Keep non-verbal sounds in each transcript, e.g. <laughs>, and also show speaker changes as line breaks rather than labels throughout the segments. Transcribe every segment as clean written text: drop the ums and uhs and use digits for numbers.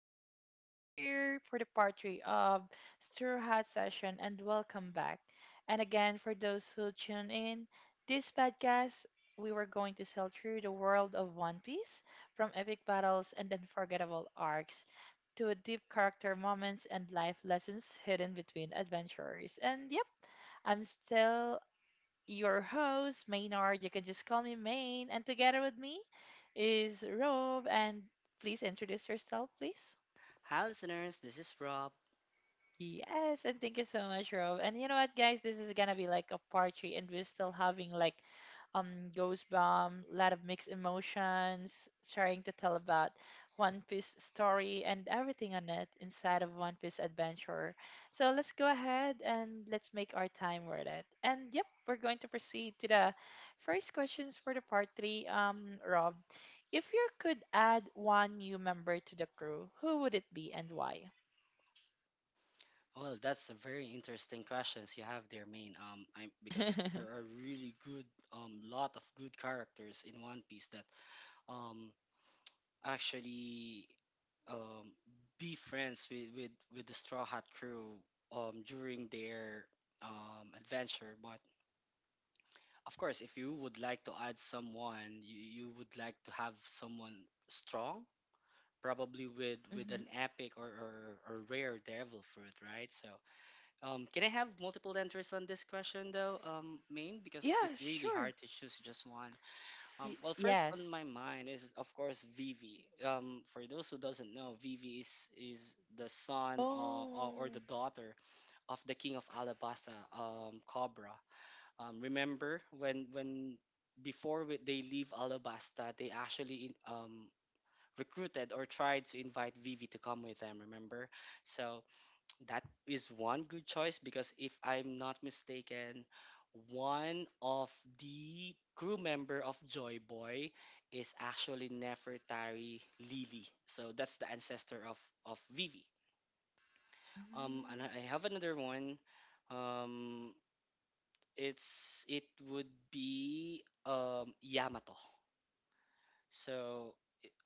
we're still here for the part three of Straw Hat Session, and welcome back. And again, for those who tune in, this podcast we were going to sail through the world of One Piece, from epic battles and unforgettable arcs to deep character moments and life lessons hidden between adventures. And yep, I'm still your host, Maynard. You can just call me Main. And together with me is Rove. And please introduce yourself, please.
Hi, listeners. This is Rob.
Yes, and thank you so much, Rob. And you know what, guys, this is gonna be like a part three, and we're still having like ghost bomb, a lot of mixed emotions, trying to tell about One Piece story and everything on it inside of One Piece Adventure. So let's go ahead and let's make our time worth it. And yep, we're going to proceed to the first questions for the part three. Rob, if you could add one new member to the crew, who would it be and why?
Well, that's a very interesting questions you have there, main. I because there are
<laughs>
really good lot of good characters in One Piece that um actually um be friends with the Straw Hat crew during their adventure. But of course, if you would like to add someone, you would like to have someone strong, probably with
Mhm.
an epic or rare devil fruit, right? So. Can I have multiple answers on this question though, Main? Because
Yeah,
it's really
sure.
hard to choose just one. Well, first on
Yes.
my mind is of course Vivi. For those who doesn't know, Vivi is the son or
Oh.
the daughter of the king of Alabasta, Cobra. Remember when before we, they leave Alabasta, they actually recruited or tried to invite Vivi to come with them. Remember, so that is one good choice because if I'm not mistaken, one of the crew member of Joy Boy is actually Nefertari Lily. So that's the ancestor of Vivi. And
Mhm.
I have another one. Um, it would be Yamato. So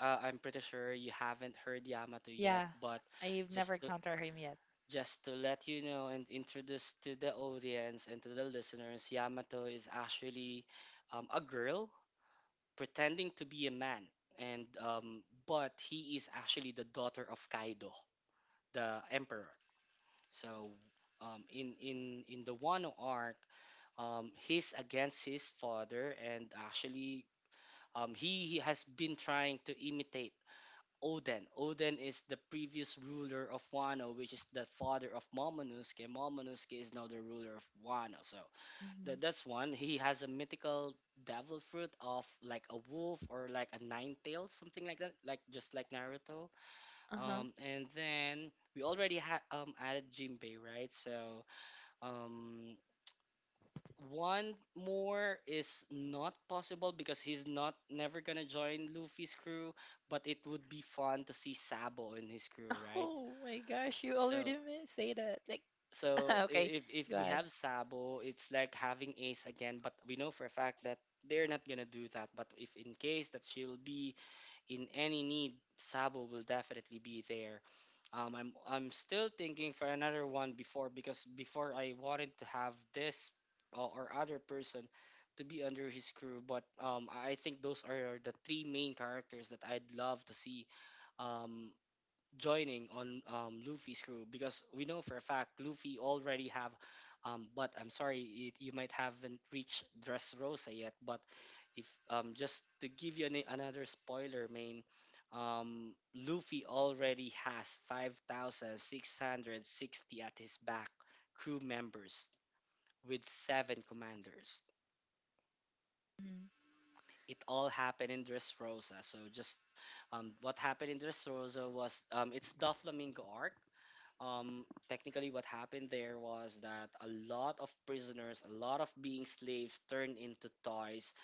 I'm pretty sure you haven't heard Yamato yet,
Yeah,
but
I've never
just to,
encountered him yet.
just to let you know and introduce to the audience and to the listeners, Yamato is actually a girl pretending to be a man, and but he is actually the daughter of Kaido, the emperor. So in the Wano arc, he's against his father, and actually he has been trying to imitate Oden. Oden is the previous ruler of Wano, which is the father of Momonosuke. Momonosuke is now the ruler of Wano. So
Hmm.
that's one. He has a mythical devil fruit of like a wolf or like a nine tail, something like that, like just like Naruto.
Uh huh.
And then we already had added Jinbei, right? So um, one more is not possible because he's not never gonna join Luffy's crew, but it would be fun to see Sabo in his crew,
<laughs>
right?
Oh my gosh, you already
So
say that. Like,
so
<laughs> okay,
i- if
go
we
ahead.
have Sabo, it's like having Ace again, but we know for a fact that they're not gonna do that. But if in case that she'll be in any need, Sabo will definitely be there. Um, I'm still thinking for another one before because before I wanted to have this or other person to be under his crew, but I think those are the three main characters that I'd love to see um, joining on Luffy's crew because we know for a fact Luffy already have but I'm sorry it, you might haven't reached Dressrosa yet but if just to give you an, another spoiler main Luffy already has 5,660 at his back crew members with seven commanders.
Mm-hmm.
It all happened in Dressrosa so just what happened in Dressrosa was it's Doflamingo arc technically what happened there was that a lot of prisoners, a lot of being slaves turned into toys.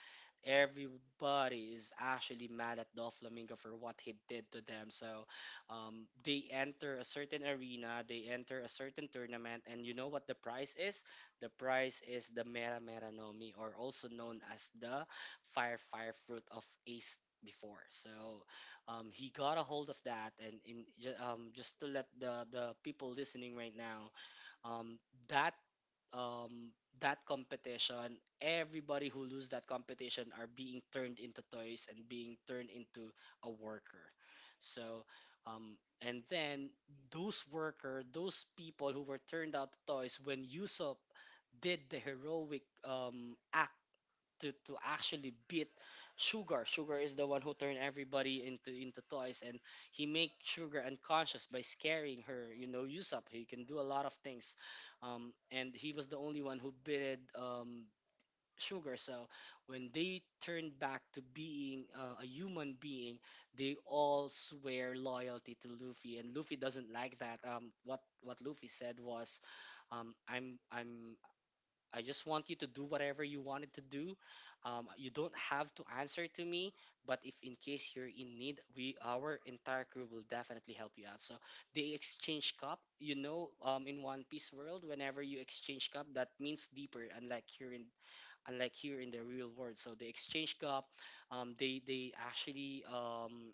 Everybody is actually mad at Doflamingo for what he did to them. So they enter a certain arena, they enter a certain tournament, and you know what the prize is? The prize is the Mera Mera Nomi, or also known as the Fire Fire Fruit of Ace before. So he got a hold of that, and in, just to let the people listening right now, um, that um, that competition, everybody who lose that competition are being turned into toys and being turned into a worker. So, and then those worker, those people who were turned out to toys, when Usopp did the heroic act to actually beat Sugar. Sugar is the one who turned everybody into toys, and he make Sugar unconscious by scaring her. You know, use he can do a lot of things, and he was the only one who beat Sugar. So when they turned back to being a human being, they all swear loyalty to Luffy, and Luffy doesn't like that. Um, what Luffy said was, um, I just want you to do whatever you wanted to do. You don't have to answer to me, but if in case you're in need, we our entire crew will definitely help you out. So they exchange cup. You know, in One Piece world, whenever you exchange cup, that means deeper. Unlike here in the real world, so they exchange cup. They actually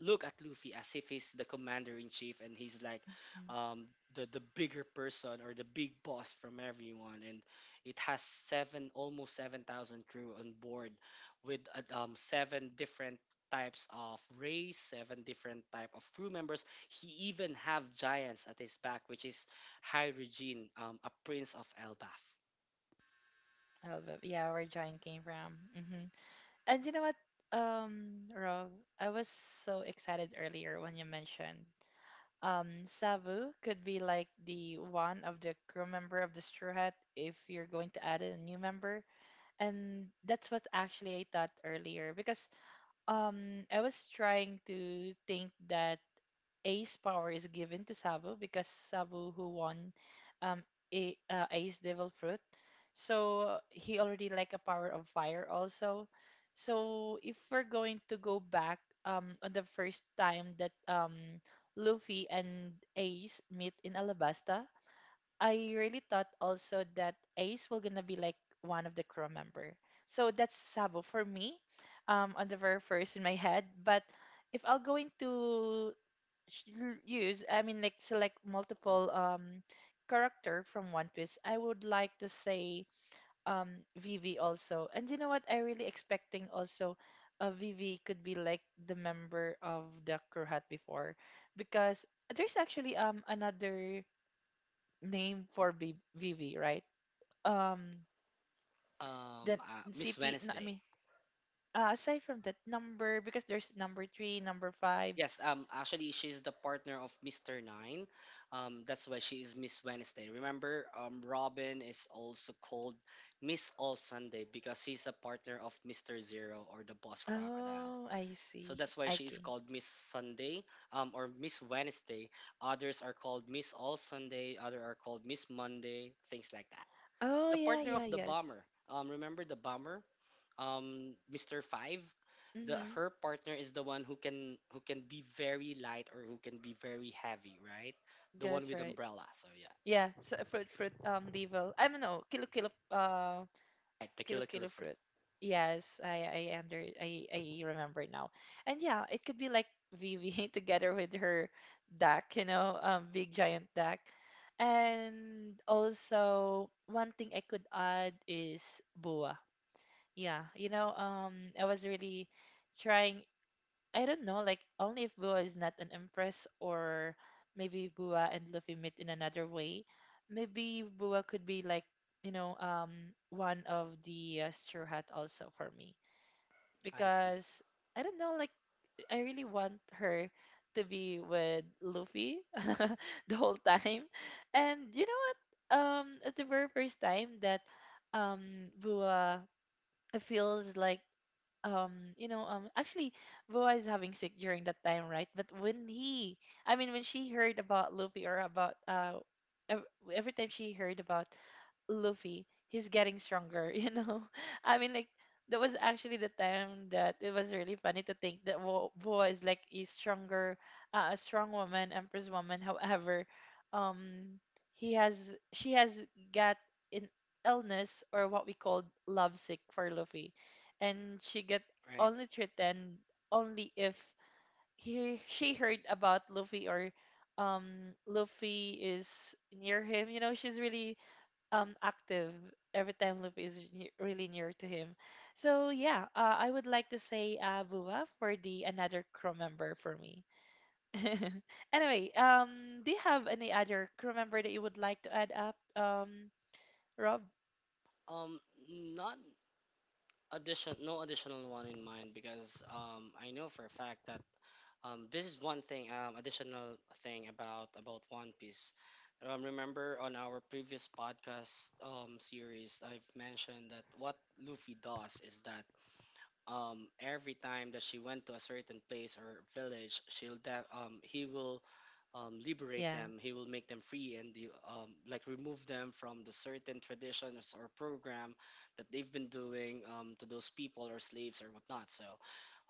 look at Luffy as if he's the commander in chief and he's like um, the bigger person or the big boss from everyone and it has seven almost 7,000 crew on board with seven different types of race, seven different type of crew members. He even have giants at his back which is high regine a prince of elbaf
Elbab, yeah, where John came from. Hmm. And you know what, Rob, I was so excited earlier when you mentioned Sabu could be like the one of the crew member of the Straw Hat if you're going to add in a new member, and that's what actually I thought earlier because I was trying to think that Ace power is given to Sabu because Sabu who won um Ace Devil Fruit, so he already like a power of fire also. So if we're going to go back on the first time that Luffy and Ace meet in Alabasta, I really thought also that Ace will gonna be like one of the crew member. So that's Sabo for me, on the very first in my head. But if I'll going to use, I mean like select multiple character from One Piece, I would like to say Vivi also. And you know what? I really expecting also. Vivi could be like the member of the crew hat before because there's actually another name for Vivi, right? Um, the
miss
CP. I
wednesday.
mean, aside from that number, because there's number three, number five.
Yes, actually, she's the partner of Mr. Nine. That's why she is Miss Wednesday. Remember, Robin is also called Miss All Sunday because he's a partner of Mr. Zero or the Boss Crocodile.
Oh, I
So
see.
that's why
I
she is
can.
called Miss Sunday, or Miss Wednesday. Others are called Miss All Sunday. Other are called Miss Monday. Things like that,
Oh,
the
yeah,
partner of
yeah,
the
yes.
bomber. Remember the bomber, Mister Five. The
Mm-hmm.
Her partner is the one who can be very light or who can be very heavy, right? The one
That's
with
right.
umbrella. So yeah,
Yeah. So fruit. Devil. I don't know. Kilo.
right. The
Kilo
Killer Killer
Kilo
Fruit.
fruit. Yes, I under I remember now. And yeah, it could be like Vivi <laughs> together with her duck, you know, big giant duck. And also one thing I could add is boa. Yeah, you know, I was really trying. I don't know, like only if Bua is not an empress, or maybe Bua and Luffy meet in another way. Maybe Bua could be like, you know, one of the Straw Hat also for me
I see.
because I don't know, like I really want her to be with Luffy <laughs> the whole time. And you know what? At the very first time that Bua feels like um you know actually Boa is having sick during that time, right? But when he I mean when she heard about Luffy, or about ev- every time she heard about Luffy, he's getting stronger, <laughs> you know? I mean, like, that was actually the time that it was really funny to think that Boa is like a stronger, a strong woman, Empress woman. However, um, she has got an illness, or what we call lovesick for Luffy. And she get
Right.
only threatened only if she heard about Luffy, or Luffy is near him. You know, she's really active every time Luffy is really near to him. So yeah, I would like to say Bua for the another crew member for me. <laughs> Anyway, do you have any other crew member that you would like to add up? Rob.
Um, not addition, no additional one in mind because I know for a fact that um, this is one thing, additional thing about One Piece. Remember on our previous podcast series, I've mentioned that what Luffy does is that every time that she went to a certain place or village, he will liberate
Yeah.
them. He will make them free and the, like remove them from the certain traditions or program that they've been doing to those people or slaves or whatnot. So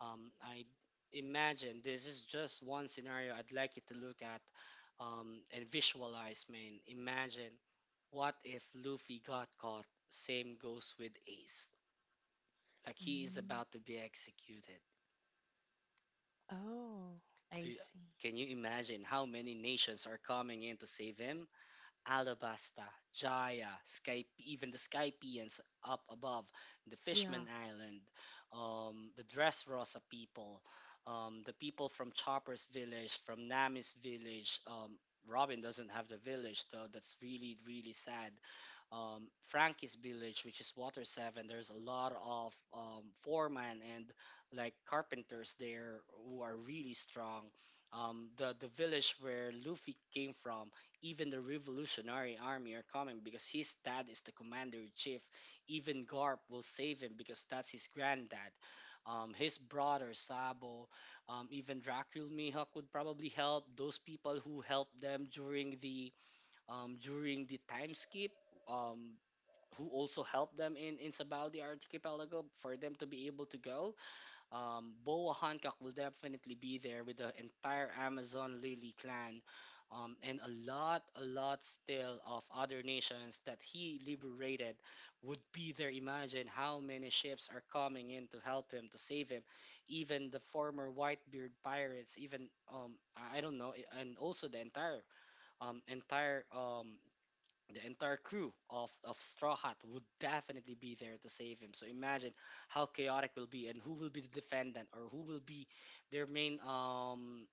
I imagine this is just one scenario I'd like you to look at and visualize, man. Imagine what if Luffy got caught? Same goes with Ace, like he is
Mm.
about to be executed.
Oh,
Do
I
you-
see.
can you imagine how many nations are coming in to save him? Alabasta, Jaya, Sky, even the Skypeans up above, the
Yeah.
Fishman Island, the Dressrosa people, the people from Chopper's village, from Nami's village. Robin doesn't have the village though. That's really really sad. Frankie's village, which is Water
Mm.
Seven, there's a lot of
Yes.
foreman and like carpenters there who are really strong, the village where Luffy came from, even the Revolutionary Army are coming because his dad is the commander in chief. Even Garp will save him because that's his granddad. His brother Sabo, even Dracul Mihawk would probably help those people who helped them during the time skip. Um, who also helped them in Sabao the archipelago for them to be able to go Boa Hancock will definitely be there with the entire Amazon Lily clan, and a lot still of other nations that he liberated would be there. Imagine how many ships are coming in to help him, to save him. Even the former Whitebeard pirates, even I don't know, and also the entire entire the entire crew of Straw Hat would definitely be there to save him. So imagine how chaotic will be and who will be the defendant or who will be their main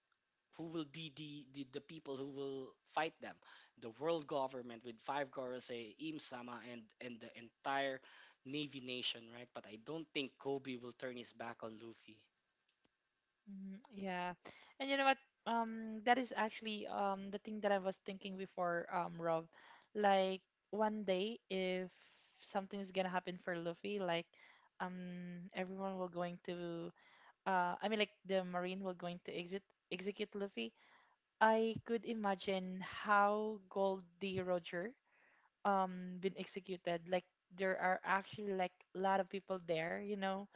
who will be the people who will fight them. The world government with five Gorosei, Im Sama and the entire Navy nation, right? But I don't think Kobe will turn his back on Luffy.
Mhm, yeah. And you know what? That is actually the thing that I was thinking before, Rob. Like one day if something's gonna happen for Luffy, like everyone will going to I mean like the Marine will going to exit execute Luffy. I could imagine how Goldie Roger been executed. Like there are actually like a lot of people there, you know,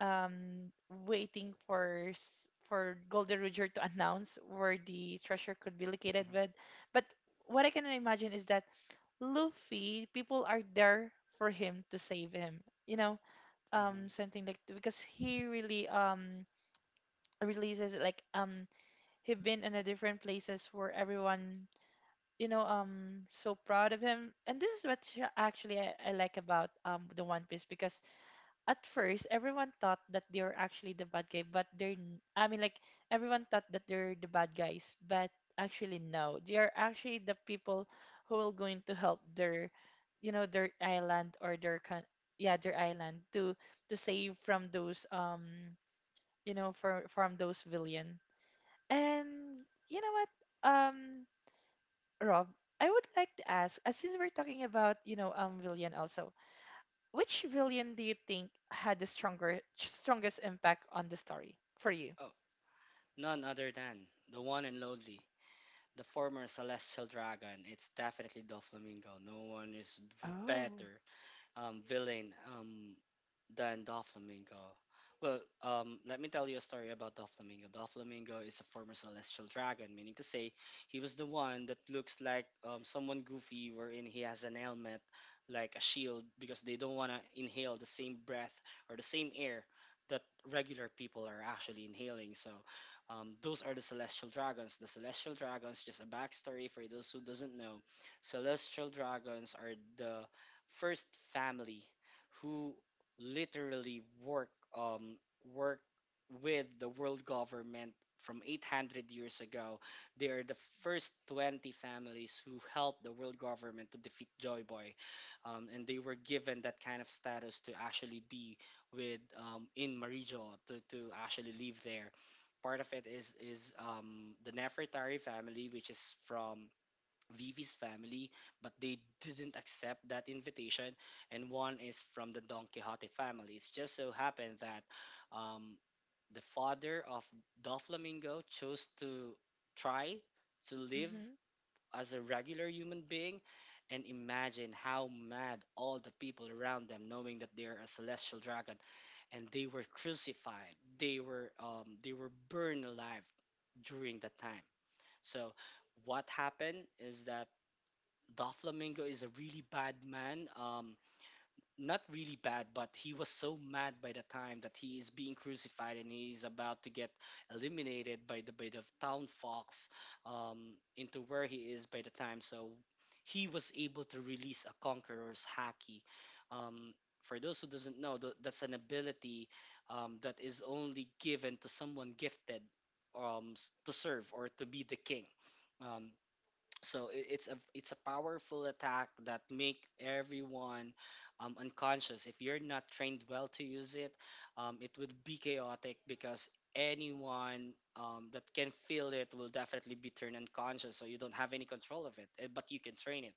um, waiting for for Golden Roger to announce where the treasure could be located.
Hmm.
But what I can imagine is that Luffy, people are there for him to save him. You know,
Hmm.
something like because he really releases like he been in a different places where everyone you know so proud of him. And this is what actually I like about the One Piece, because at first everyone thought that they were actually the bad guy, but they're I mean like everyone thought that they're the bad guys, but actually no, they are actually the people who will going to help their, you know, their island or their yeah, their island to save from those you know from those villain. And you know what, um Rob, I would like to ask, since we're talking about you know villain also, which villain do you think had the stronger strongest impact on the story for you?
Oh, none other than the one and lonely, the former celestial dragon, it's definitely Doflamingo. No one is
Oh.
better villain than Doflamingo. Well, let me tell you a story about Doflamingo. Doflamingo is a former celestial dragon, meaning to say he was the one that looks like someone goofy, wherein he has an helmet like a shield because they don't want to inhale the same breath or the same air that regular people are actually inhaling. So those are the celestial dragons. The celestial dragons, just a backstory for those who doesn't know, celestial dragons are the first family who literally work um work with the world government from 800 years ago. They are the first 20 families who helped the world government to defeat Joy Boy. And they were given that kind of status to actually be with, in Marijo to actually live there. Part of it is the Nefertari family, which is from Leave His family, but they didn't accept that invitation. And one is from the Don Quixote family. It's just so happened that um, the father of Doflamingo chose to try to live
Mm-hmm.
as a regular human being. And imagine how mad all the people around them, knowing that they are a celestial dragon, and they were crucified. They were burned alive during that time. So what happened is that Doflamingo is a really bad man. Not really bad, but he was so mad by the time that he is being crucified and he is about to get eliminated by the town fox, into where he is by the time. So he was able to release a conqueror's haki. Um, for those who doesn't know, that's an ability that is only given to someone gifted, to serve or to be the king. Um, so it's a powerful attack that make everyone unconscious. If you're not trained well to use it, it would be chaotic because anyone that can feel it will definitely be turned unconscious. So you don't have any control of it, eh, but you can train it.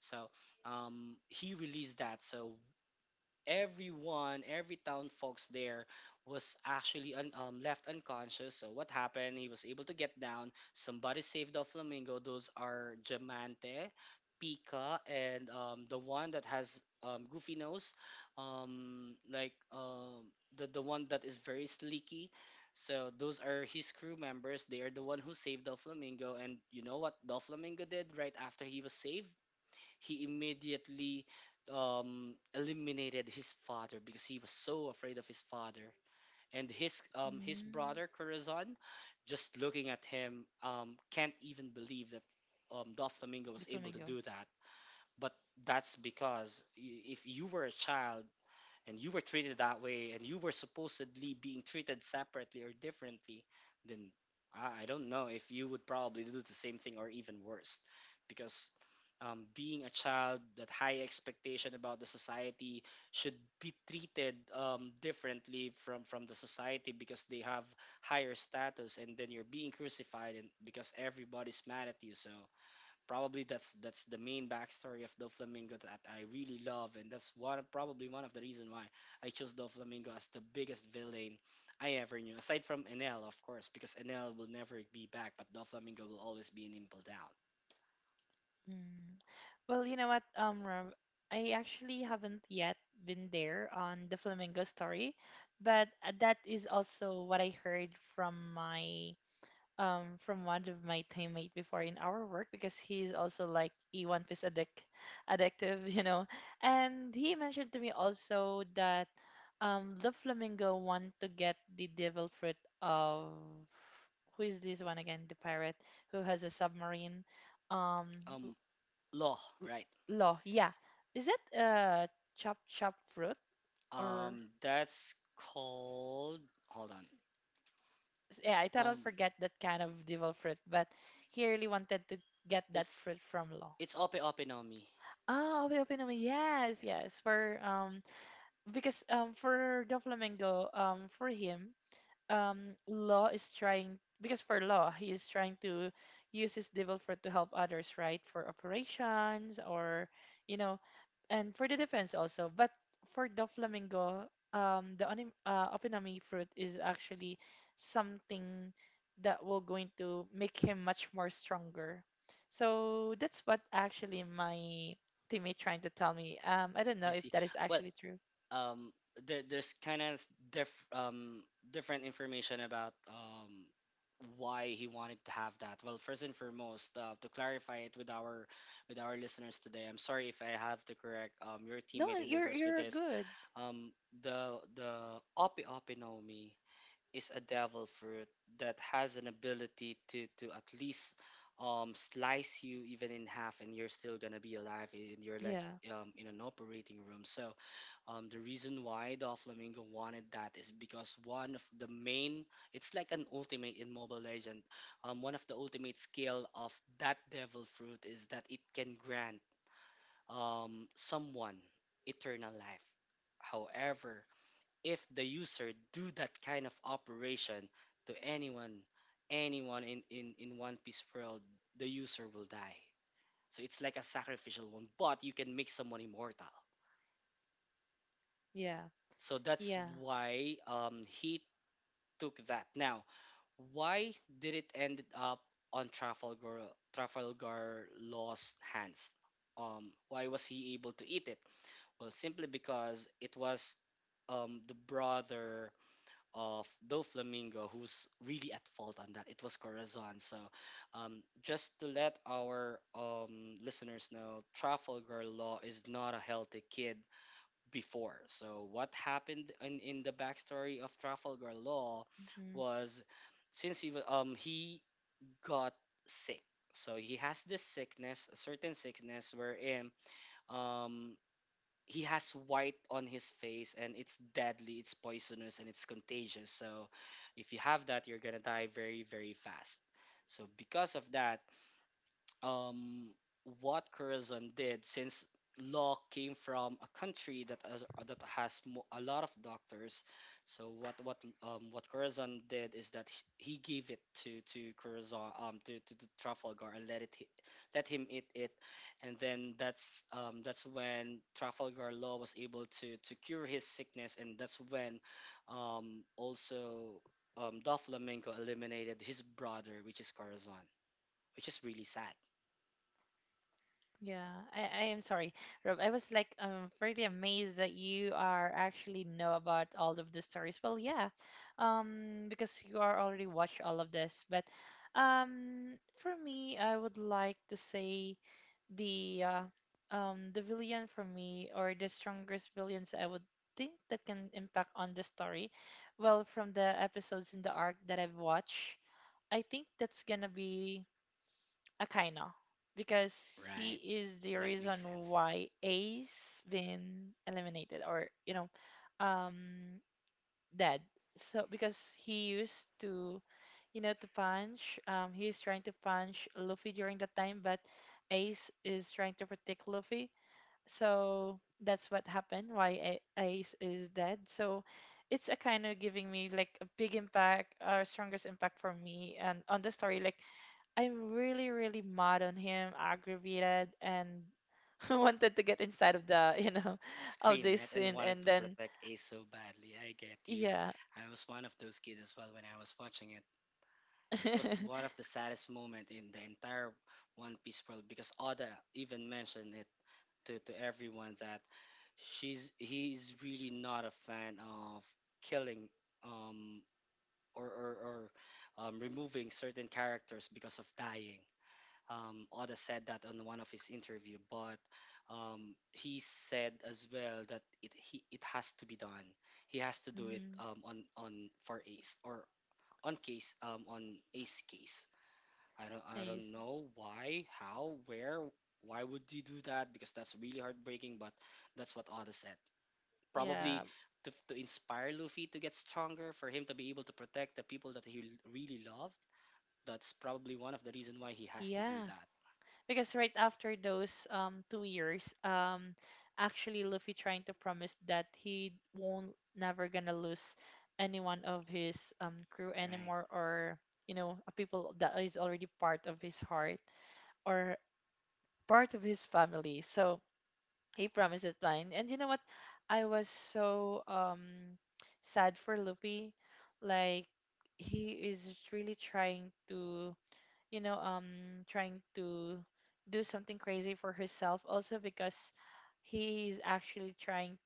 So he released that. So everyone, every town folks there was actually left unconscious. So what happened? He was able to get down. Somebody saved the Flamingo. Those are Jamante, Pika, and the one that has goofy nose, um, like um, the one that is very sleeky. So those are his crew members. They are the one who saved the Flamingo. And you know what the Flamingo did right after he was saved? He immediately eliminated his father because he was so afraid of his father. And his
Mm,
brother Corazon, just looking at him, can't even believe that Doflamingo
the
was able to
flamingo.
do that. But that's because if you were a child, and you were treated that way and you were supposedly being treated separately or differently, then I don't know if you would probably do the same thing or even worse, because being a child that high expectation about the society should be treated differently from the society because they have higher status, and then you're being crucified and because everybody's mad at you. So probably that's the main backstory of Doflamingo that I really love, and that's one probably one of the reason why I chose Doflamingo as the biggest villain I ever knew. Aside from Enel, of course, because Enel will never be back, but Doflamingo will always be an impel down.
Mm. Well, you know what, Rob, I actually haven't yet been there on the flamingo story, but that is also what I heard from my from one of my teammate before in our work, because he's also like a One Piece addict, addictive, <laughs> you know. And he mentioned to me also that the flamingo want to get the devil fruit of who is this one again? The pirate who has a submarine. Um, w-
Um, Law,
w-
right?
law, yeah. Is it chop chop fruit or?
That's called. Hold
Yeah, I thought
on.
I'll forget that kind of devil fruit, but he really wanted to get that
It's
fruit from law.
Ope Ope no Mi.
Oh, Obi Opinami. Yes,
Yes,
yes. For because for Doflamingo, for him, law is trying because for law he is trying to use his devil fruit to help others, right? For operations or you know, and for the defense also. But for the flamingo, opinami fruit is actually something that will going to make him much more stronger. So that's what actually my teammate trying to tell me. I don't know
I
if
see.
that is
Well,
actually true.
um there, there's kind of diff um different information about why he wanted to have that. Well, first and foremost, to clarify it with our listeners today, I'm sorry if I have to correct your
No,
teammate in
you're
regards with
you're
this.
good.
um the Opi Opinomi is a devil fruit that has an ability to at least slice you even in half and you're still gonna be alive, and you're like
Yeah,
in an operating room. So the reason why the Flamingo wanted that is because one of the main, it's like an ultimate in Mobile Legend. One of the ultimate skill of that Devil Fruit is that it can grant someone eternal life. However, if the user do that kind of operation to anyone, anyone in, in One Piece world, the user will die. So it's like a sacrificial one, but you can make someone immortal.
yeah,
So that's
yeah.
why he took that. Now, why did it end up on Trafalgar Law's hands? Why was he able to eat it? Well, simply because it was the brother of Doflamingo who's really at fault on that. It was Corazon. So, just to let our listeners know, Trafalgar Law is not a healthy kid before. So what happened in the backstory of Trafalgar Law
Mhm.
was, since he got sick. So he has this sickness, a certain sickness wherein um he has white on his face and it's deadly, it's poisonous and it's contagious. So if you have that you're gonna die very, very fast. So because of that, um, what Corazon did, since Law came from a country that has, a lot of doctors. So what Corazon did is that he gave it to Corazon, to Trafalgar and let it let him eat it, and then that's when Trafalgar Law was able to cure his sickness. And that's when also Doflamingo eliminated his brother, which is Corazon, which is really sad.
Yeah, I am sorry, Rob. I was like, really amazed that you are actually know about all of the stories. Well, yeah, because you are already watched all of this. But, for me, I would like to say the uh, the villain for me, or the strongest villains I would think that can impact on the story. Well, from the episodes in the arc that I've watched, I think that's gonna be Akaino, because he
Right.
is the
That makes
reason
sense.
why Ace been eliminated, or you know, um dead. So because he used to you know to punch he is trying to punch Luffy during that time, but Ace is trying to protect Luffy. So that's what happened why Ace is dead. So it's a kind of giving me like a big impact, or strongest impact for me and on the story. Like I'm really, really mad on him, aggravated, and <laughs> wanted to get inside of the, you know, <laughs> of
Screen,
this
right? And
scene.
wanted
And
to
then,
protect Ace so badly. I get you.
yeah. <laughs>
I was one of those kids as well when I was watching it. It was one of the saddest moment in the entire One Piece world because Oda even mentioned it to everyone that she's he's really not a fan of killing, um or or removing certain characters because of dying. Oda said that on one of his interview, but he said as well that it he, it has to be done. He has to do it
Mhm.
on for Ace, or on case on Ace case. I don't
Nice.
know why, how, where, why would you do that? Because that's really heartbreaking. But that's what Oda said.
Yeah.
Probably to inspire Luffy to get stronger, for him to be able to protect the people that he really loved. That's probably one of the reason why he has to do
Yeah.
that.
Because right after those 2 years, actually Luffy trying to promise that he won't never gonna lose anyone of his crew
Right.
anymore, or you know, people that is already part of his heart, or part of his family. So he promised that line. And you know what? I was so sad for Luffy. Like he is really trying to, you know, trying to do something crazy for herself also because he's actually trying,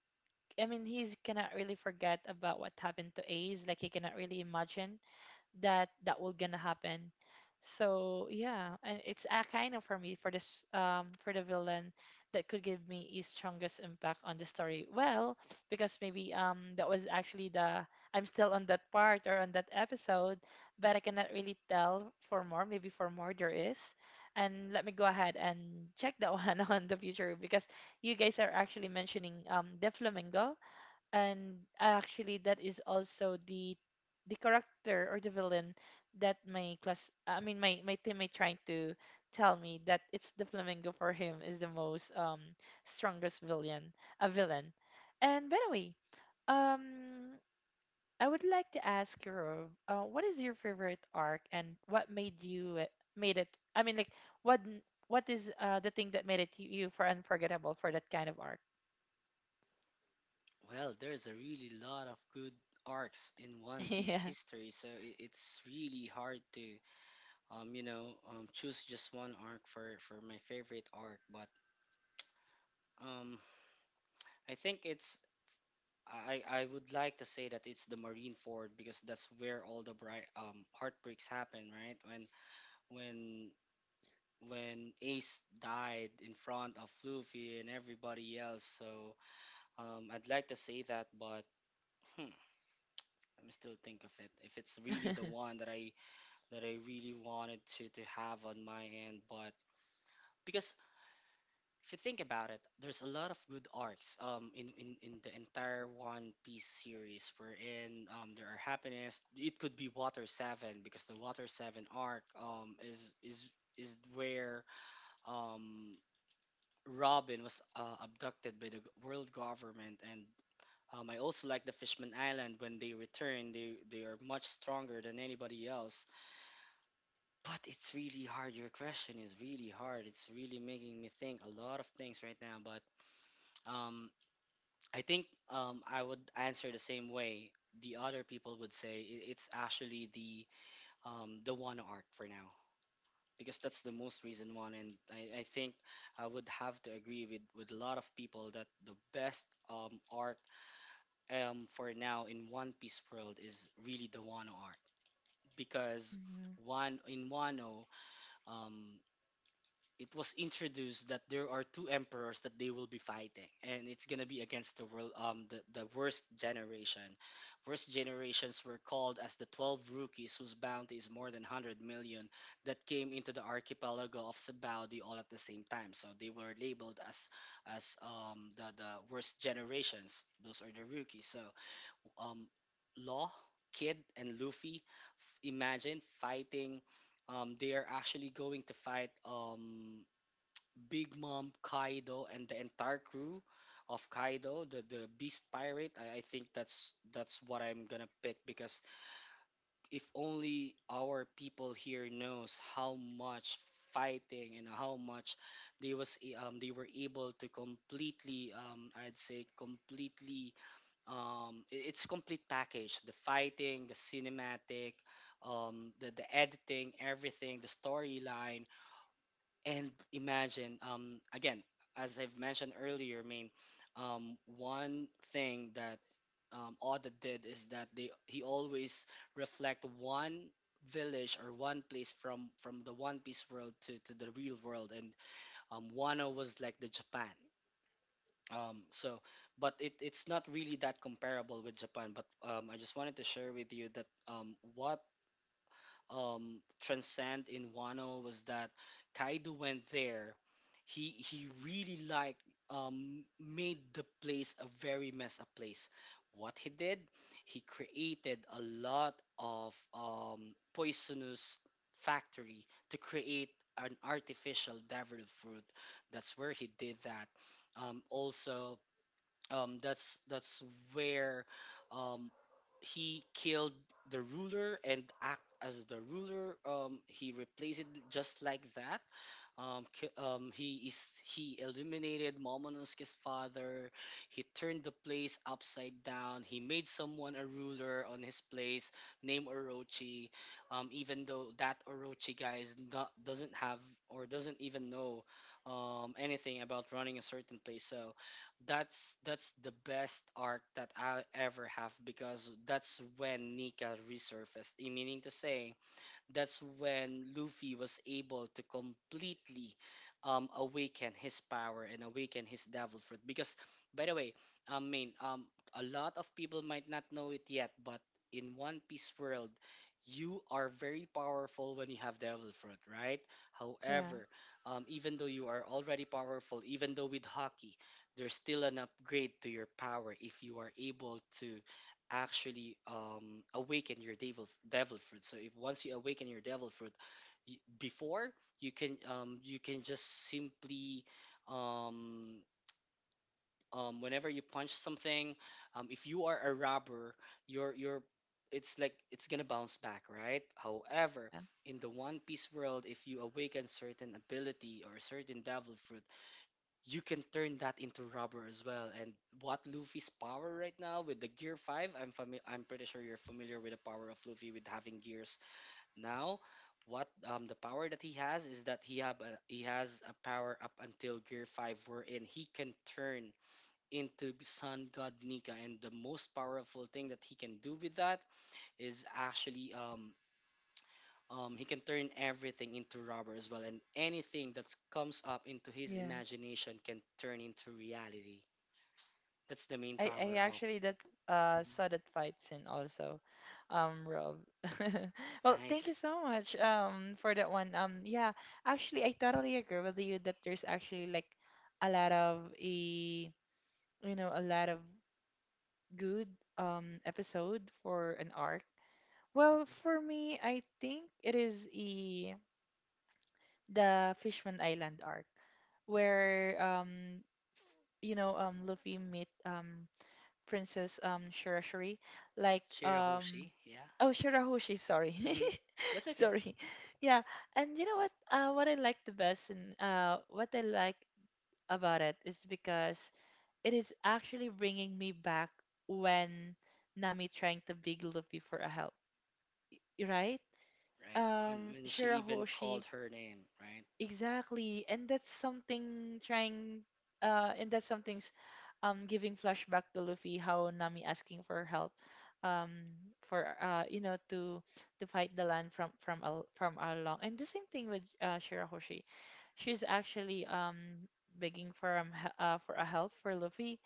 I mean, he's cannot really forget about what happened to Ace. Like he cannot really imagine that that will gonna happen. So yeah, and it's a kind of for me for this for the villain that could give me his strongest impact on the story. Well, because maybe that was actually the I'm still on that part, or on that episode, but I cannot really tell for more. Maybe for more there is. And let me go ahead and check that <laughs> one on the future because you guys are actually mentioning the flamingo, and actually that is also the character or the villain that my class, I mean my teammate trying to tell me that it's the flamingo. For him is the most strongest villain, a villain. And by the way, um I would like to ask you Rove, what is your favorite arc and what made you, made it. I mean like, what n- what is the thing that made it you, for unforgettable for that kind of arc.
Well, there's a really lot of good arcs in One
<laughs>
Piece
Yeah.
history, so it's really hard to, you know, choose just one arc for my favorite arc. But um, I think it's I would like to say that it's the Marineford, because that's where all the bright heartbreaks happen, right? When when when Ace died in front of Luffy and everybody else. So I'd like to say that, but hmm, let me still think of it, if it's really the
<laughs>
one that I really wanted to have on my end. But because if you think about it, there's a lot of good arcs in the entire One Piece series wherein there are happiness. It could be Water Seven, because the Water Seven arc is where um Robin was abducted by the world government, and I also like the Fishman Island when they return, they are much stronger than anybody else. But it's really hard. Your question is really hard. It's really making me think a lot of things right now. But um, I think I would answer the same way the other people would say. It's actually the one arc for now, because that's the most recent one, and I think I would have to agree with a lot of people that the best arc for now in One Piece world is really the Wano arc, because
Mhm.
one in Wano um it was introduced that there are two emperors that they will be fighting, and it's gonna be against the world the worst generations were called as the 12 rookies whose bounty is more than 100 million, that came into the archipelago of Sabaudi all at the same time, so they were labeled as the worst generations, those are the rookies. So um Law, Kid and Luffy, imagine fighting, they are actually going to fight Big Mom, Kaido, and the entire crew of Kaido, the Beast Pirate. I think that's what I'm gonna pick because if only our people here knows how much fighting and how much they were able to completely I'd say completely. It's a complete package, the fighting, the cinematic, the editing, everything, the storyline. And imagine, again, as I've mentioned earlier, one thing that Oda did is that they he always reflect one village or one place from the One Piece world to the real world. And Wano was like the Japan, so. But it's not really that comparable with Japan, but I just wanted to share with you that what transcend in Wano was that Kaido went there. He really like, made the place a very mess up place. What he did, he created a lot of poisonous factory to create an artificial devil fruit. That's where he did that. Also, that's where um, he killed the ruler and act as the ruler. He replaced it just like that. He is he eliminated Momonosuke's father. He turned the place upside down. He made someone a ruler on his place named Orochi, even though that Orochi guy is not, doesn't have, or doesn't even know anything about running a certain place. So that's the best arc that I ever have, because that's when Nika resurfaced. Eh, meaning to say, that's when Luffy was able to completely awaken his power and awaken his devil fruit. Because, by the way, I mean, um, a lot of people might not know it yet, but in One Piece world, you are very powerful when you have devil fruit, right?
Yeah.
However, even though you are already powerful, even though with Haki, there's still an upgrade to your power if you are able to actually awaken your devil fruit. So if once you awaken your devil fruit, y before you can, you can just simply, um, whenever you punch something, if you are a robber, your it's like it's gonna bounce back, right? However, in the One Piece world, if you awaken certain ability or certain devil fruit, you can turn that into rubber as well. And what Luffy's power right now with the Gear 5, I'm pretty sure you're familiar with the power of Luffy with having gears now. What the power that he has is that he has a power up until Gear 5 wherein he can turn into Sun God Nika, and the most powerful thing that he can do with that is actually he can turn everything into rubber as well, and anything that comes up into his
Yeah.
imagination can turn into reality. That's the main
I
power of.
actually that
Mhm.
saw that fight scene also, Rob. <laughs> Well, thank you
Nice.
so much for that one. Yeah, actually I totally agree with you that there's actually like a lot of a, a lot of good episode for an arc. Well,
Mhm.
for me, I think it is a the Fishman Island arc where, you know, Luffy meet, Princess Shirashiri, like,
Shirahoshi, yeah.
oh, Shirahoshi, sorry. <laughs>
Hmm. That's okay,
Sorry. Yeah, and you know what I like the best and what I like about it is because it is actually bringing me back when Nami trying to beg Luffy for a help, right?
right? When she even called
Shirahoshi.
her name, right?
Exactly. And that's something trying, and that's something's, giving flashback to Luffy how Nami asking for help, um for you know, to fight the land from all along. And the same thing with, Shirahoshi. She's actually begging for, a help for Luffy.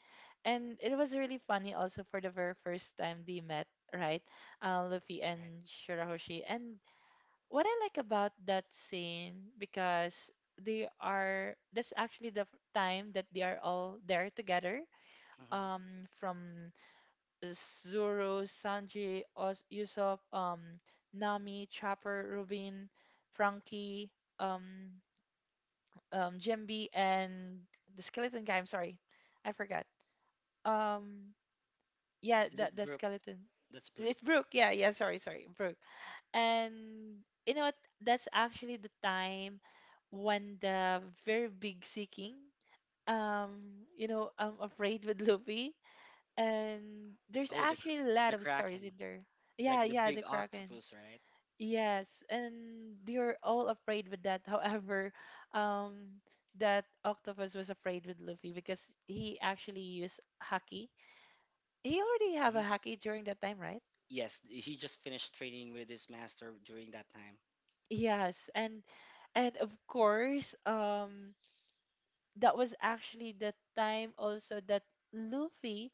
And it was really funny also for the very first time they met, right? Luffy
Right.
and Shirahoshi. And what I like about that scene because they are that's actually the time that they are all there together.
Hmm.
From Zoro, Sanji, Oz, Usopp, Nami, Chopper, Rubin, Frankie, um, Jimby, and the skeleton guy. I'm sorry, I forgot. Um, yeah,
Is
the
it
the
Brooke?
skeleton.
That's Brooke.
It's Brooke. Yeah, yeah. Sorry, sorry, Brooke. And you know what? That's actually the time when the very big seeking, I'm afraid with Luffy. And there's
Oh,
actually a
the
lot of stories in
Kraken,
there. Yeah,
like the
yeah, the
big
Kraken.
octopus, right?
Yes, and they're all afraid with that. <laughs> However, um, that octopus was afraid with Luffy because he actually used haki. He already have a
Hmm.
haki during that time, right?
Yes, he just finished training with his master during that time.
Yes, and of course, that was actually the time also that Luffy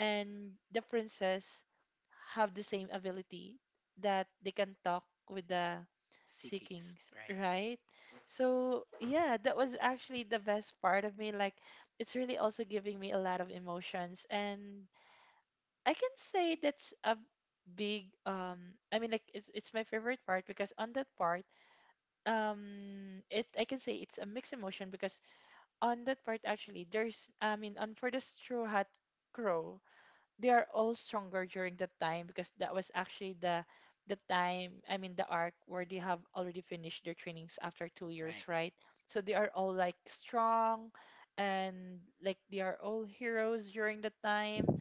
and the princess have the same ability that they can talk with the
Sea
Sea
Kings,
Kings,
right?
right? So yeah, that was actually the best part of me. Like, it's really also giving me a lot of emotions, and I can say that's a big, I mean like, it's my favorite part because on that part, it I can say it's a mixed emotion because on that part, actually, there's I mean, on for the straw hat crow, they are all stronger during that time because that was actually the time, I mean, the arc where they have already finished their trainings after 2 years,
Right.
right? So they are all like strong, and like they are all heroes during that time.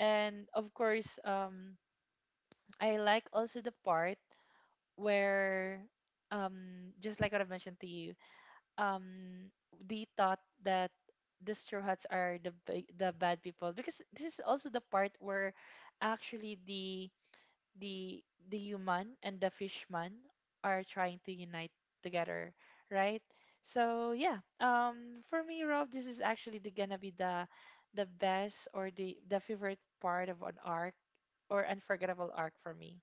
And of course, I like also the part where, just like what I've mentioned to you, um they thought that the straw hats are the the bad people because this is also the part where actually the the the human and the fishman are trying to unite together, right? So yeah, for me, Rob, this is actually the, gonna be the best or the favorite part of an arc or unforgettable arc for me.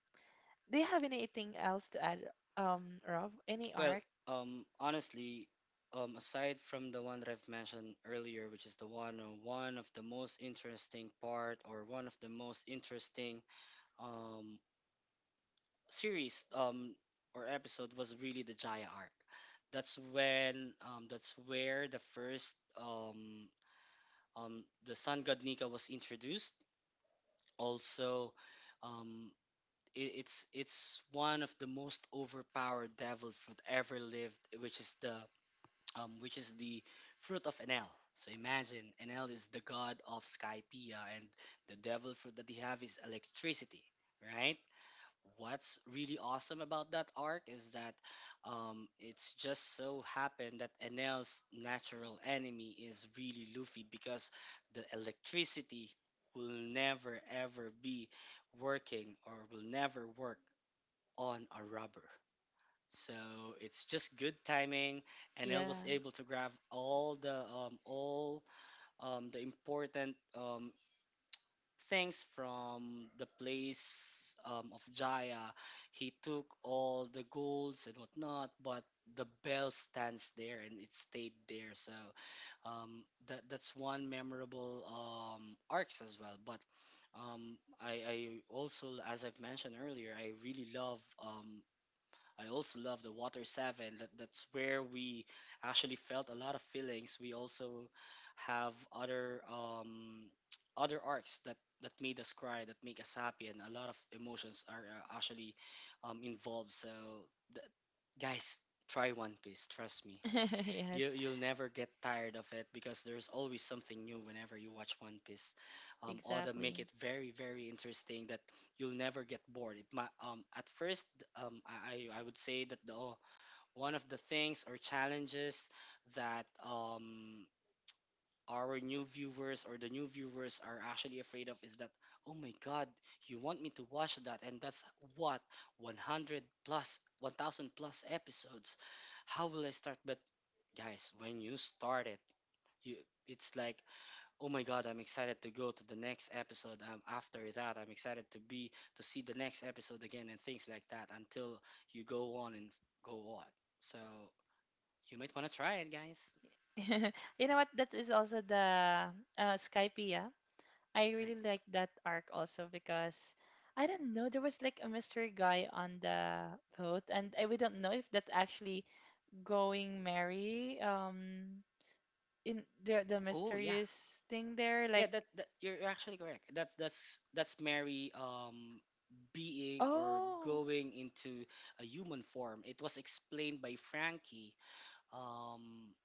Do you have anything else to add, Rob? Any
Well,
arc?
honestly, aside from the one that I've mentioned earlier, which is the one on one of the most interesting part or one of the most interesting um, series, or episode was really the Jaya arc. That's when that's where the first the Sun God Nika was introduced. Also, um, it's one of the most overpowered devils that ever lived, which is the fruit of Enel. So imagine Enel is the god of Skypea, and the devil fruit that they have is electricity, right? What's really awesome about that arc is that it's just so happened that Enel's natural enemy is really Luffy because the electricity will never ever be working or will never work on a rubber. So it's just good timing, and I was
Yeah.
able to grab all the important things from the place of Jaya. He took all the golds and whatnot, but the bell stands there and it stayed there. So that's one memorable arcs as well. But I also, as I've mentioned earlier, I really love, I also love the Water 7. That's where we actually felt a lot of feelings. We also have other <tsk> other arcs that, that made us cry, that make us happy, and a lot of emotions are actually involved. So, th- guys, try One Piece. Trust me,
<laughs> Yes.
you you'll never get tired of it because there's always something new whenever you watch One Piece. Oda make
Exactly.
it very very interesting that you'll never get bored. It might at first, I would say that the one of the things or challenges that our new viewers or the new viewers are actually afraid of is that, oh my god, you want me to watch that? And that's what, 100 plus 1000 plus episodes, how will I start? But guys, when you start it, you it's like, oh my god, I'm excited to go to the next episode. After that, I'm excited to be to see the next episode again and things like that until you go on and go on. So you might want to try it, guys.
<laughs> You know what? That is also the, Skypea. I
Right.
really like that arc also because I don't know, there was like a mystery guy on the boat, and we don't know if that actually going Mary, in the
Oh yeah,
mysterious thing there.
yeah.
Like,
That, you're actually correct. That's Mary, being or
oh,
going into a human form. It was explained by Frankie um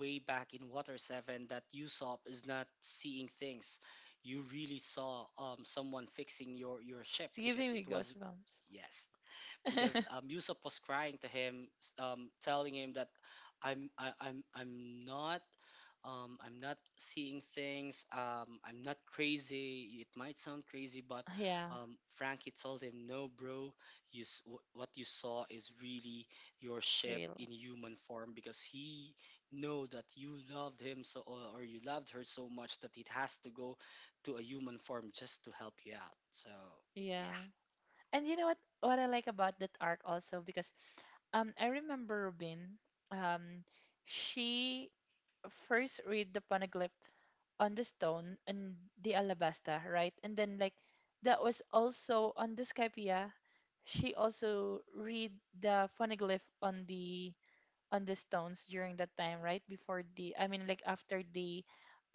way back in Water 7 that Usopp is not seeing things. You really saw, someone fixing your ship
it's
because
giving
it
me
was,
goosebumps.
yes, because
<laughs>
Usopp was crying to him, telling him that I'm, I'm not seeing things. I'm not crazy. It might sound crazy, but
Yeah,
Frankie told him, "No, bro. What you saw is really your ship
real.
in human form, because he know that you loved him so, or you loved her so much that it has to go to a human form just to help you out." So yeah.
Yeah. And you know what I like about that arc also because, I remember Robin, um she first read the poneglyph on the stone and the alabasta, right? And then like that was also on the Skypia. She also read the poneglyph on the stones during that time, right? Before the I mean like after the,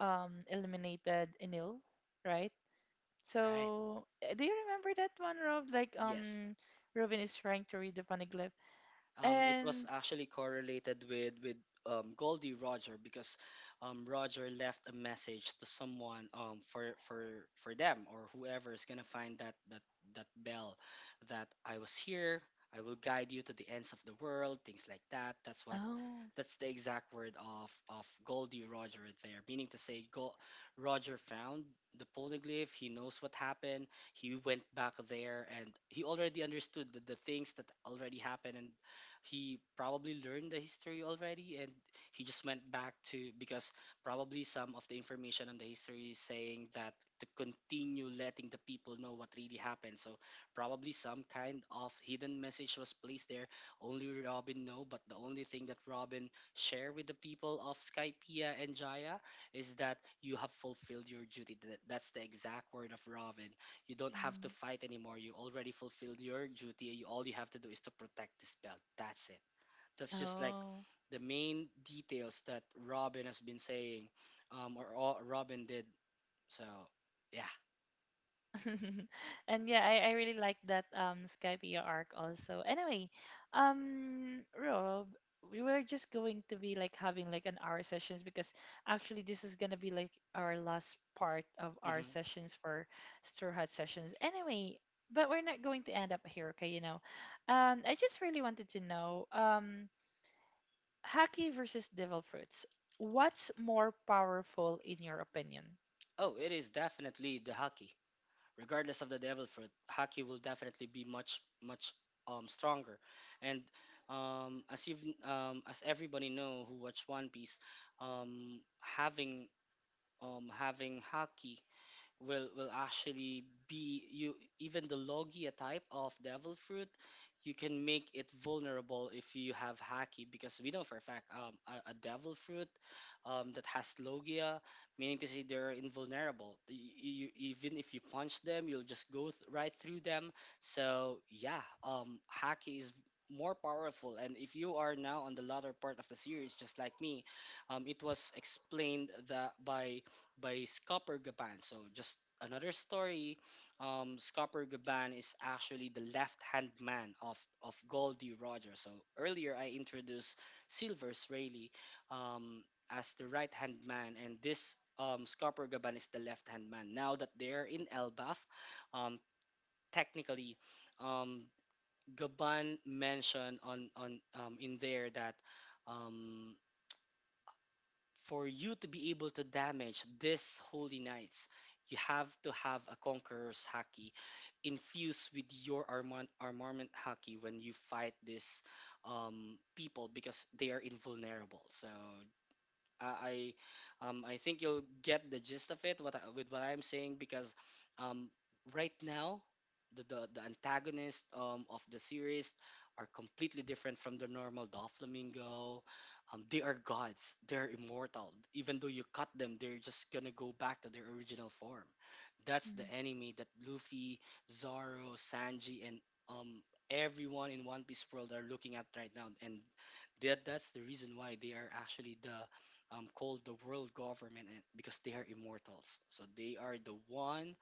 eliminated Enil, right?
Right.
So, do you remember that one, Rob? Like,
Yes,
Robin is trying to read the funny glyph,
it was
and
actually correlated with Goldie Roger because Roger left a message to someone, for for them or whoever is gonna find that bell, that I was here. I will guide you to the ends of the world, things like that. That's what,
oh,
that's the exact word of Goldie Roger right there. Meaning to say, Roger found the polyglyph. He knows what happened. He went back there, and he already understood the things that already happened, and he probably learned the history already. And he just went back to because probably some of the information on the history is saying that to continue letting the people know what really happened. So probably some kind of hidden message was placed there only Robin know, but the only thing that Robin share with the people of Skypea and Jaya is that you have fulfilled your duty. That- that's the exact word of Robin. You don't have to
mm,
fight anymore. You already fulfilled your duty. You, all you have to do is to protect this belt. That's it. That's just like
oh,
the main details that Robin has been saying, or all Robin did. So, yeah.
<laughs> and yeah, I really like that, Skype E R arc also. Anyway, Rob, we were just going to be like having like an hour sessions because actually this is gonna be like our last part of our
Hmm.
sessions for Straw Hat sessions. Anyway, but we're not going to end up here, okay, you know. I just really wanted to know, Haki versus Devil Fruits, what's more powerful in your opinion?
Oh, it is definitely the hockey. Regardless of the devil fruit, Haki will definitely be much much stronger. And um as you as everybody know who watch One Piece, um having having Haki will actually be you, even the logia type of devil fruit you can make it vulnerable if you have haki, because we know for a fact, a devil fruit that has logia, meaning to say they're invulnerable. You, even if you punch them, you'll just go right through them. So yeah, haki is more powerful. And if you are now on the latter part of the series just like me, it was explained that by Scopper Gaban. So just another story. Scopper Gaban is actually the left-hand man of Goldie Rogers. So earlier I introduced Silver Rayleigh, um, as the right-hand man, and this Scopper Gaban is the left-hand man. Now that they're in Elbaf, um, technically, um, Gaban mentioned on in there that. Um, for you to be able to damage these holy knights, you have to have a conqueror's haki infused with your armament, armament haki when you fight these people, because they are invulnerable. So uh, I I think you'll get the gist of it what I, with what I'm saying, because um, right now the, the antagonist of the series are completely different from the normal Doflamingo. They are gods. They're immortal. Even though you cut them, they're just gonna go back to their original form. That's the
Mm.
enemy that Luffy, Zoro, Sanji, and um, everyone in One Piece world are looking at right now, and that's the reason why they are actually the called the world government, and, because they are immortals. So they are the one.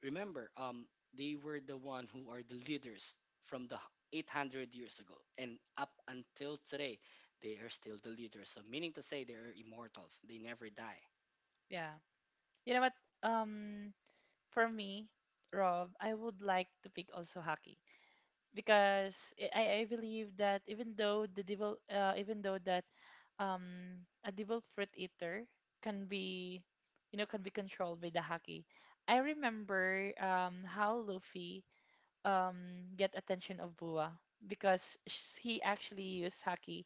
Remember, they were the one who are the leaders from the 800 years ago, and up until today, they are still the leaders. So meaning to say, they are immortals. They never die.
Yeah. You know what? For me, Rob, I would like to pick also hockey because I believe that even though the devil, even though that, a devil fruit eater can be, you know, can be controlled by the hockey. I remember, how Luffy, get attention of Bua because he actually used hockey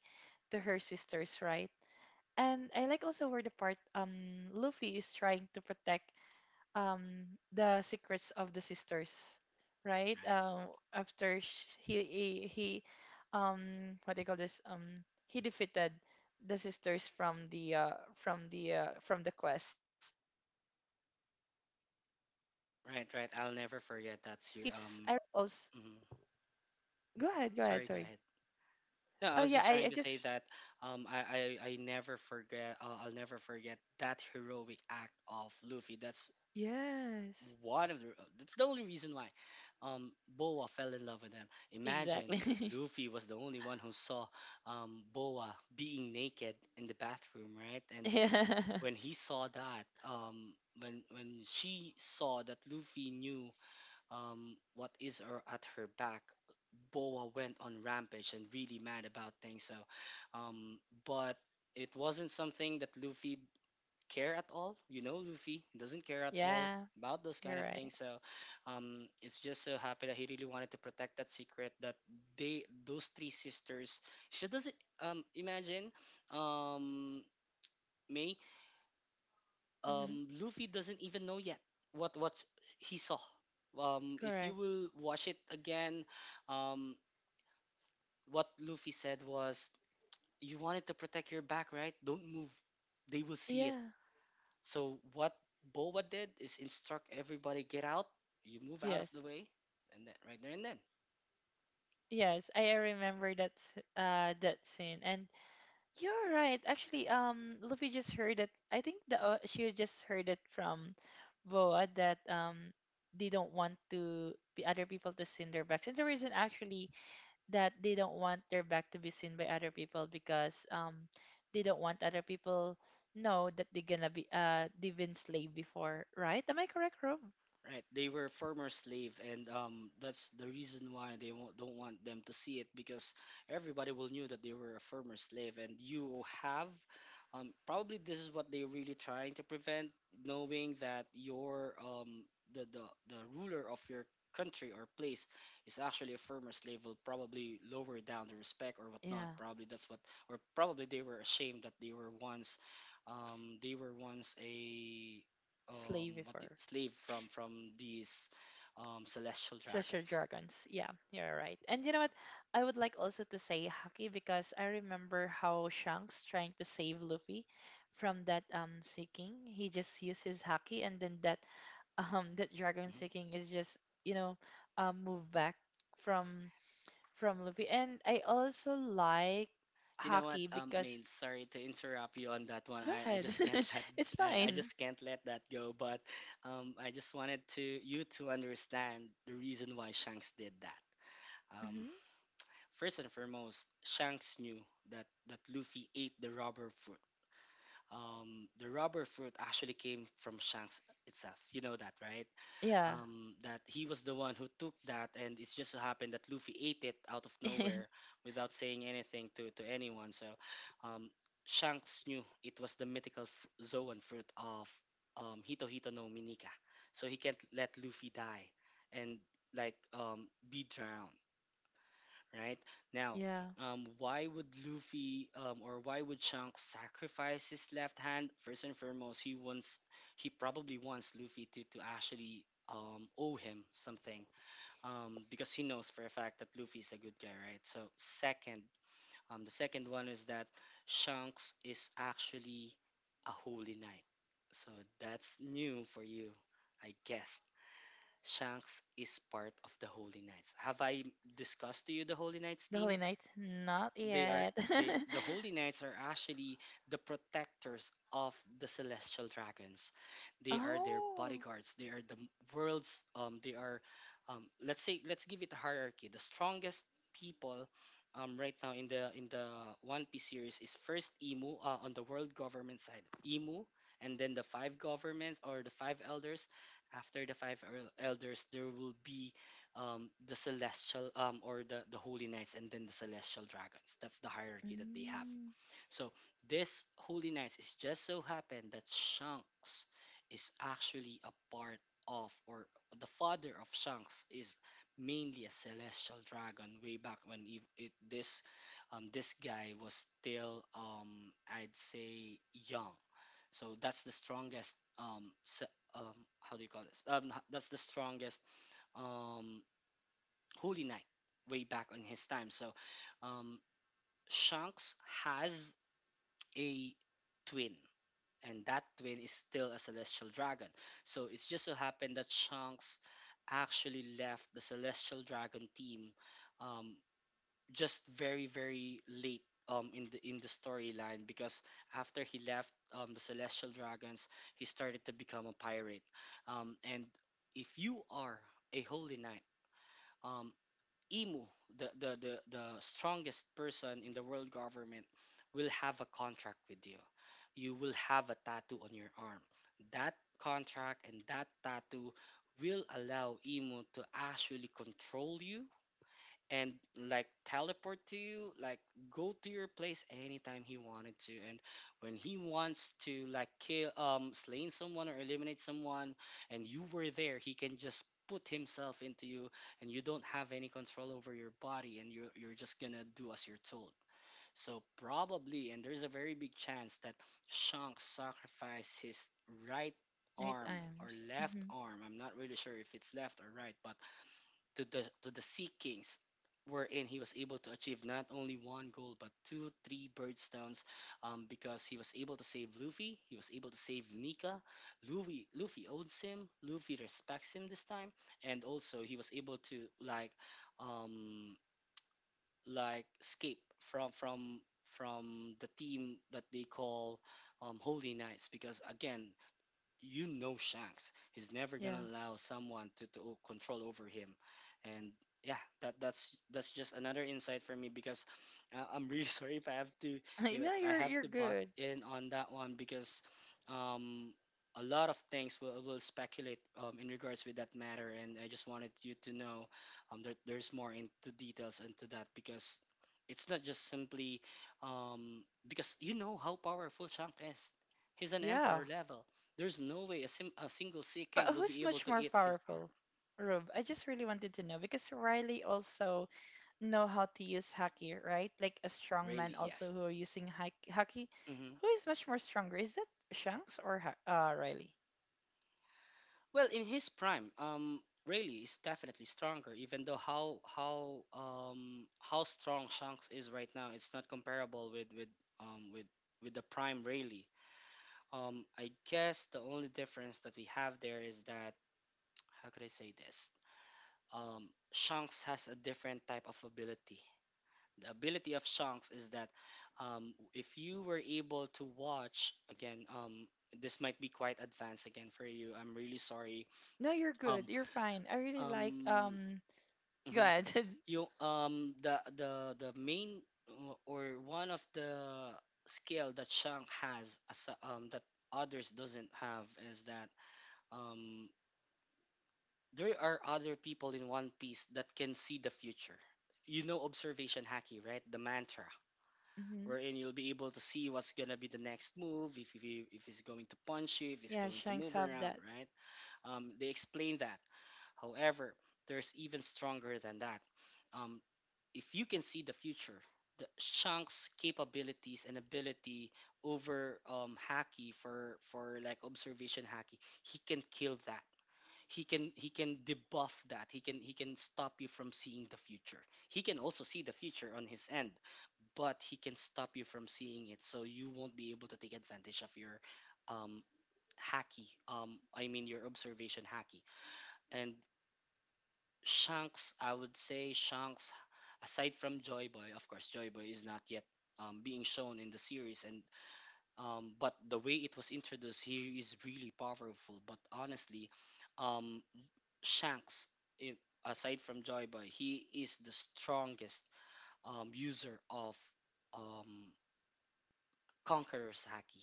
to her sisters, right? And I like also where the part, Luffy is trying to protect um the secrets of the sisters, right?
Right,
After he, what do you call this, he defeated the sisters from the, from the quest. And yeah, for me,
right,
haki
right. I'll never
because I
forget
remember
that's you.
also.
Mhm.
Go ahead, go ahead.
Sorry, go
Sorry.
ahead. No, I
Oh
was
yeah,
just trying
I
to
just...
say that I never forget. I'll never forget that heroic act of Luffy.
Yes.
One of the that's the only reason why um Boa fell in love with him. Imagine
Exactly.
Luffy was the only one who saw Boa being naked in the bathroom, right?
<laughs>
And
Yeah,
when he saw that, when she saw that Luffy knew what is her, at her back, Boa went on rampage and really mad about things. So, um but it wasn't something that Luffy care at all. You know, Luffy doesn't care at all
yeah.
about those
You're
kind of
right.
things. So, it's just so happy that he really wanted to protect that secret that they, those three sisters, she doesn't. Imagine, um, May,
Hmm.
Luffy doesn't even know yet what he saw. If you
Correct.
will watch it again, um, what Luffy said was, "You wanted to protect your back, right? Don't move. They will see it."
Yeah.
So what Boba did is instruct everybody get out, you move out of the
Yes.
way, and then right there and then.
Yes, I remember that scene, and you're right. Actually, Luffy just heard it. I think the she just heard it from Boa that, they don't want to be other people to see their backs, and the reason actually that they don't want their back to be seen by other people because, they don't want other people know that they're gonna be they've been slave before, right? Am I correct, Rob?
Right, they were former slave, and that's the reason why they won't, don't want them to see it, because everybody will knew that they were a former slave, and you have, probably this is what they're really trying to prevent, knowing that your the, the the ruler of your country or place is actually a former slave will probably lower down the respect or whatnot.
Yeah,
Probably that's what, or probably they were ashamed that they were once a
slave before.
slave from these celestial
Sister
dragons.
Dragons. Yeah, you're right. And you know what? I would like also to say Haki because I remember how Shanks trying to save Luffy from that, seeking. He just used his Haki and then that, <laughs> that dragon
Mhm.
seeking is just, you know, move back from from Luffy. And I also like
You know what,
Haki
Main,
because...
sorry to interrupt you on that one.
Go
I just can't
ahead.
<laughs> let
<laughs> It's
I
fine.
just can't let that go. But I just wanted to you to understand the reason why Shanks did that. Um,
Hmm.
First and foremost, Shanks knew that Luffy ate the rubber fruit. The rubber fruit actually came from Shanks itself. You know that, right?
Yeah.
That he was the one who took that, and it's just so happened that Luffy ate it out of nowhere
<laughs>
without saying anything to anyone. So, um, Shanks knew it was the mythical Zoan fruit of, Hito Hito no Minika, so he can't let Luffy die and like, be drowned, right? Now,
Yeah.
why would Shanks sacrifice his left hand? First and foremost, he probably wants Luffy to actually owe him something, because he knows for a fact that Luffy is a good guy, right? So second, the second one is that Shanks is actually a holy knight. So that's new for you, I guess. Shanks is part of the Holy Knights. Have I discussed to you the Holy Knights
The Holy
team?
Knight? Not
They are
yet. <laughs>
the Holy Knights are actually the protectors of the celestial dragons. They are their
Oh.
bodyguards. They are the m- world's they are Let's give it a hierarchy. The strongest people right now in the One Piece series is first Emu, on the world government side, Emu, and then the five governments or the five elders. After the elders there will be, the celestial, or the holy knights, and then the celestial dragons. That's the hierarchy that they have.
Mm,
So this holy knights is just so happened that Shanks is actually a part of, or the father of Shanks is mainly a celestial dragon way back when, it, this, this guy was still, I'd say young. So that's the strongest, um, how do you call this, that's the strongest, um, Holy Knight way back on his time. So, um, Shanks has a twin, and that twin is still a celestial dragon. So it's just so happened that Shanks actually left the celestial dragon team, um, just very very late. In the storyline, because after he left, the celestial dragons, he started to become a pirate, and if you are a holy knight, um, Imu, the strongest person in the world government, will have a contract with you. You will have a tattoo on your arm. That contract and that tattoo will allow Imu to actually control you, and like teleport to you, like go to your place anytime he wanted to. And when he wants to like kill, slaying someone or eliminate someone, and you were there, he can just put himself into you, and you don't have any control over your body, and you're just gonna do as you're told. So probably, and there's a very big chance that Shanks sacrificed his right
night
arm, or
times.
left
Hmm.
arm, I'm not really sure if it's left or right, but to the Sea Kings, wherein he was able to achieve not only one goal but two, three bird-stones, because he was able to save Luffy, he was able to save Nika. Luffy owns him, Luffy respects him this time, and also he was able to like, um, escape from from from the team that they call, Holy Knights, because again, you know Shanks. He's never gonna
Yeah.
allow someone to, control over him, and yeah, that's just another insight for me because, I'm really <laughs> sorry
<laughs>
if
No,
I
you're
have
you're
to butt
good.
in on that one, because um a lot of things will speculate, in regards with that matter, and I just wanted you to know, there's more into details into that, because it's not just simply, because you know how powerful Shanks is. He's an
Yeah.
emperor level. There's no way a single Sea
But
King will be
who's
able
much
to
more
eat his arm.
powerful? Rube, I just really wanted to know because Riley also know how to use haki, right? Like a strong man
Rayleigh, yes.
also who are using haki.
Hmm.
Who is much more stronger? Is that Shanks or Riley?
Well, in his prime, Rayleigh is definitely stronger. Even though how strong Shanks is right now, it's not comparable um with with the prime Rayleigh. I guess the only difference that we have there is that, how could I say this? Shanks has a different type of ability. The ability of songs is that, if you were able to watch again, this might be quite advanced again for you, I'm really sorry.
No, you're
um
good. You're fine. I really like
um
um. Go
mhm.
ahead.
you The main, or one of the skill that Shang has, as that others doesn't have, is that, um there are other people in One Piece that can see the future. You know, observation Haki, right? The mantra,
<laughs> Hmm.
wherein you'll be able to see what's gonna be the next move, if he's going to punch you, if he's
Yeah,
going to
Shanks
move
have
around,
that.
right? They explain that. However, there's even stronger than that. Um, if you can see the future, the Shank's capabilities and ability over, Haki, for like observation Haki, he can kill that. He can, debuff that. He can, stop you from seeing the future. He can also see the future on his end, but he can stop you from seeing it, so you won't be able to take advantage of your, um hacky, I mean, your observation hacky. And shanks I would say Shanks, aside from Joy Boy, of course Joy Boy is not yet, being shown in the series, and, but the way it was introduced here is really powerful. But honestly, um, Shanks, i- aside from Joy Boy, he is the strongest, user of, um, Conqueror's Haki.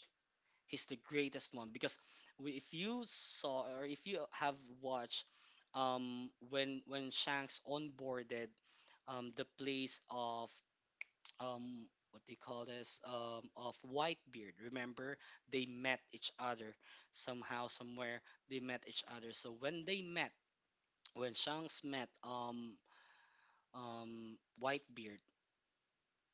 He's the greatest one because, if you saw, or if you have watched, when Shanks onboarded, the place of <tsk> what do you call this, of Whitebeard. Remember, they met each other somehow, somewhere. They met each other. So when they met, when Shanks met, Whitebeard.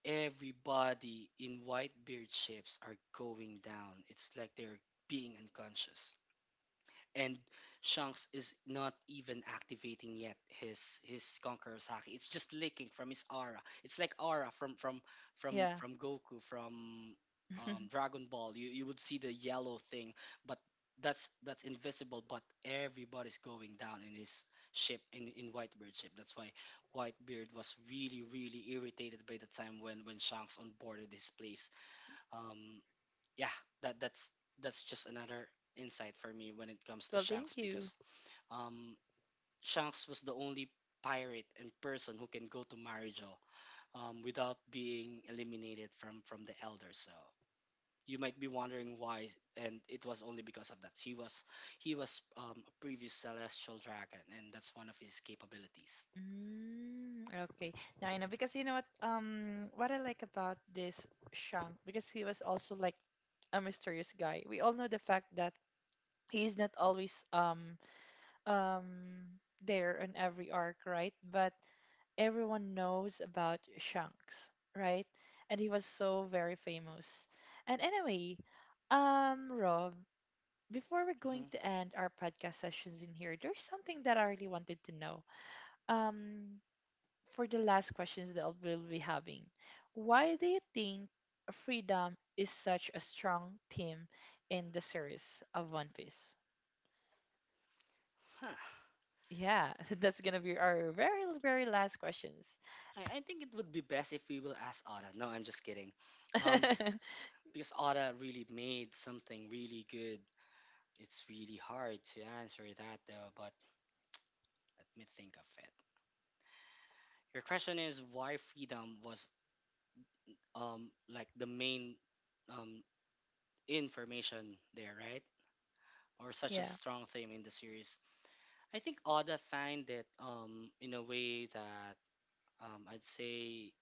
Everybody in Whitebeard ships are going down. It's like they're being unconscious, and Shanks is not even activating yet his Conqueror's Haki. It's just leaking from his aura. It's like aura from from from
Yeah.
from Goku from,
<laughs>
Dragon Ball. You would see the yellow thing, but that's invisible. But everybody's going down in his ship, in Whitebeard's ship. That's why Whitebeard was really really irritated by the time when Shanks onboarded his place. Um, yeah, that that's that's just another insight for me when it comes to
Well, thank
Shanks,
you.
because, um, Shanks was the only pirate and person who can go to Marijo, without being eliminated from the elders. So you might be wondering why, and it was only because of that. He was, a previous celestial dragon, and that's one of his capabilities.
Mm, okay. Now I know because you know what I like about this Shang because he was also like a mysterious guy. We all know the fact that he's not always there on every arc, right? But everyone knows about Shanks, right? And he was so very famous. And anyway, Rob, before we're going
Hmm.
to end our podcast sessions in here, there's something that I really wanted to know. Um, for the last questions that we'll be having, why do you think freedom is such a strong theme in the series of One Piece?
Huh.
Yeah, <laughs> that's gonna be our very, very last questions.
I think it would be best if we will ask Ada. No, I'm just kidding. Um,
<laughs>
because Ada really made something really good. It's really hard to answer that though, but let me think of it. Your question is why freedom was, like the main, um information there, right? Or such a
Yeah.
strong theme in the series. I think Oda find it, in a way that, I'd say,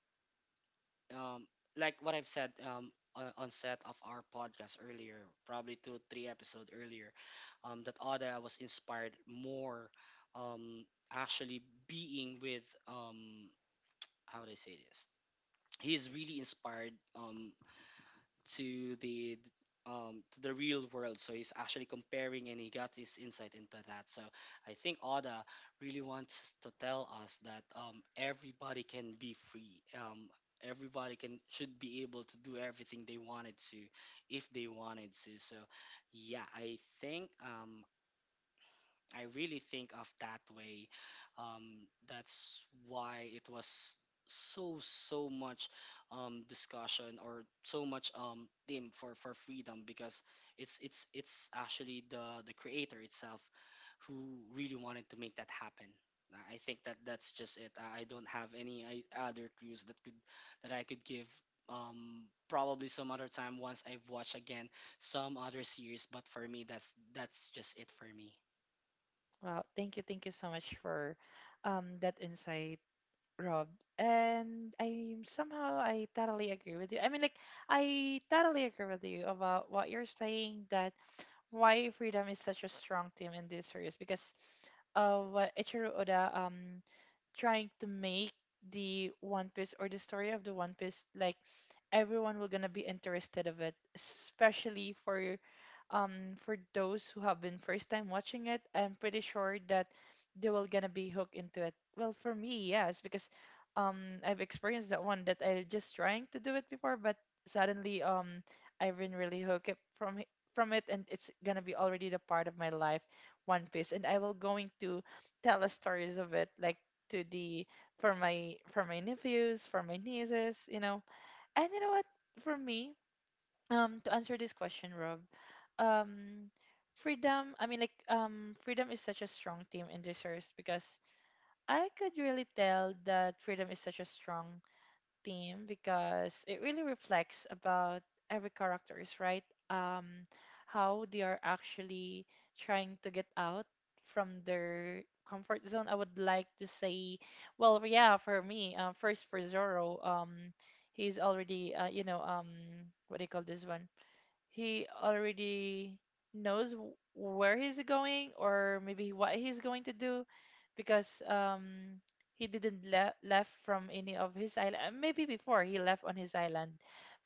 um, like what I've said, on set of our podcast earlier, probably two, three episode earlier, that Oda was inspired more, um, actually being with, how would I say this? He is really inspired, to the, to the real world. So he's actually comparing and he got his insight into that. So I think Oda really wants to tell us that, everybody can be free. Everybody can should be able to do everything they wanted to, if they wanted to. So yeah, I really think of that way. That's why it was so much, discussion, or so much, theme for freedom, because it's actually the creator itself who really wanted to make that happen. I think that that's just it. I don't have any, other clues that I could give. Probably some other time once I've watched again some other series, but for me that's just it for me.
Wow. Thank you. Thank you so much for, that insight, Rob. And I somehow I totally agree with you. I mean, like, I totally agree with you about what you're saying that why freedom is such a strong theme in this series because HR oder, trying to make the One Piece or the story of the One Piece like everyone will gonna be interested of it, especially for, for those who have been first time watching it. I'm pretty sure that they will gonna be hooked into it. Well, for me, yes, because I've experienced that one that I just trying to do it before, but suddenly, I've been really hooked up from it, and it's gonna be already the part of my life, One Piece, and I will going to tell the stories of it like to the for my nephews, for my nieces, you know. And you know what? For me, to answer this question, Rob, um, freedom. I mean, like, freedom is such a strong team in this series because I could really tell that freedom is such a strong theme because it really reflects about every characters, right? How they are actually trying to get out from their comfort zone. I would like to say, well, yeah, for me, first for Zoro, he's already, you know, what do you call this one? He already knows where he's going or maybe what he's going to do because, he didn't left from any of his island, maybe before he left on his island.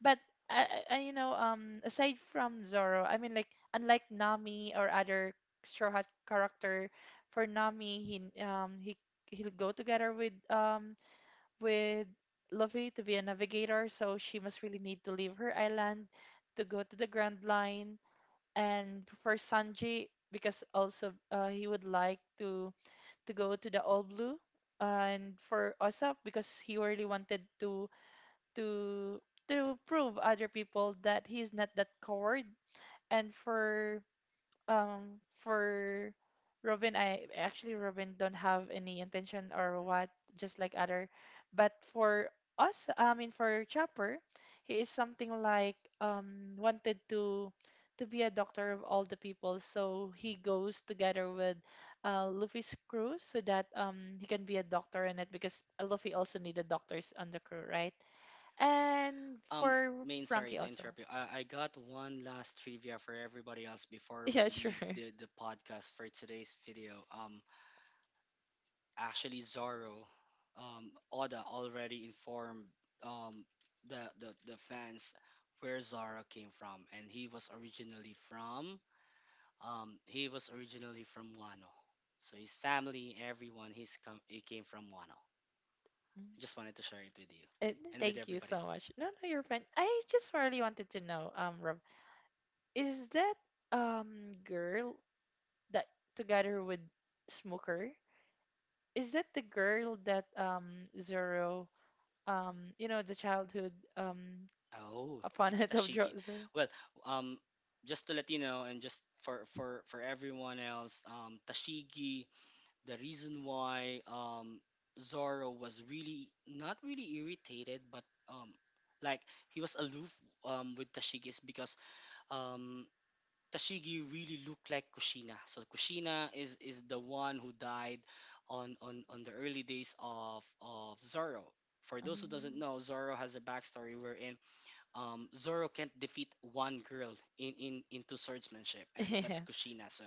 But I, you know, aside from Zoro, I mean like, unlike Nami or other Straw Hat character, for Nami, he he'll go together with Luffy to be a navigator, so she must really need to leave her island to go to the Grand Line. And for Sanji, because also, he would like to go to the All Blue, and for Usopp because he really wanted to to prove other people that he's not that coward. And for Robin, I actually Robin don't have any intention or what, just like other. But for us, I mean for Chopper, he is something like, wanted to be a doctor of all the people. So he goes together with, Luffy's crew so that, he can be a doctor in it because Luffy also needed doctors on the crew, right? And
Um,
for
Main, sorry
Frankie
to
also.
interrupt you.
<laughs>
I got one last trivia for everybody else before we
Yeah, sure.
leave the podcast for today's video. Actually, Zorro, Oda already informed, um the fans where Zorro came from, and he was originally from Wano. So his family, everyone, he came from Wano. I just wanted to share it with you
Uh,
and with
Thank you
everybody
so
else.
much. No, no, you're fine. I just really wanted to know, Rob, is that, girl that together with Smoker, is that the girl that, Zoro, you know, the childhood,
Oh, it's
opponent <laughs> of
Tashiki.
Zoro?
Well, um, just to let you know, and just for everyone else, Tashigi. The reason why, Zoro was really not really irritated, but, um, like he was aloof, with Tashigi, is because, um Tashigi really looked like Kushina. So Kushina is the one who died on the early days of Zoro. For those who doesn't
Um,
know, Zoro has a backstory wherein, Zoro can't defeat one girl in into swordsmanship, and that's
<laughs>
Kushina. So,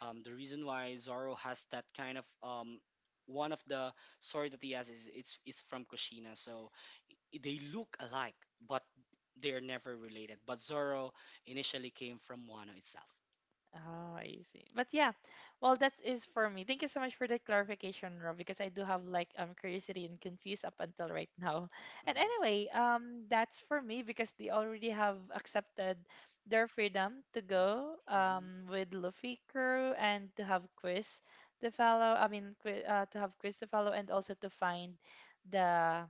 the reason why Zoro has that kind of, one of the sword that he has is from Kushina. So they look alike, but they are never related. But Zoro initially came from Wano itself.
Oh, I see. But yeah, well, that is for me. Thank you so much for that clarification, Rob, because I do have like, curiosity and confused up until right now. <laughs> And
Hmm.
anyway, that's for me because they already have accepted their freedom to go,
Hmm.
with Luffy crew and to have quiz to follow. I mean, to have quiz to follow and also to find the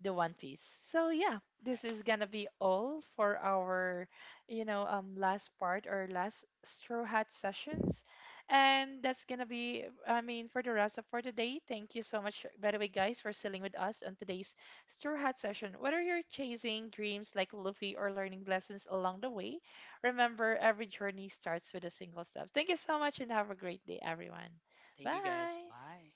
One Piece. So yeah, this
Right.
is gonna be all for our, you know, last part or last Straw Hat sessions, and that's gonna be, I mean, for the wrap up for today. Thank you so much, by the way, guys, for sailing with us on today's Straw Hat session. Whether you're chasing dreams like Luffy or learning lessons along the way, remember every journey starts with a single step. Thank you so much, and have a great day, everyone.
Thank you guys.
Bye.
Bye.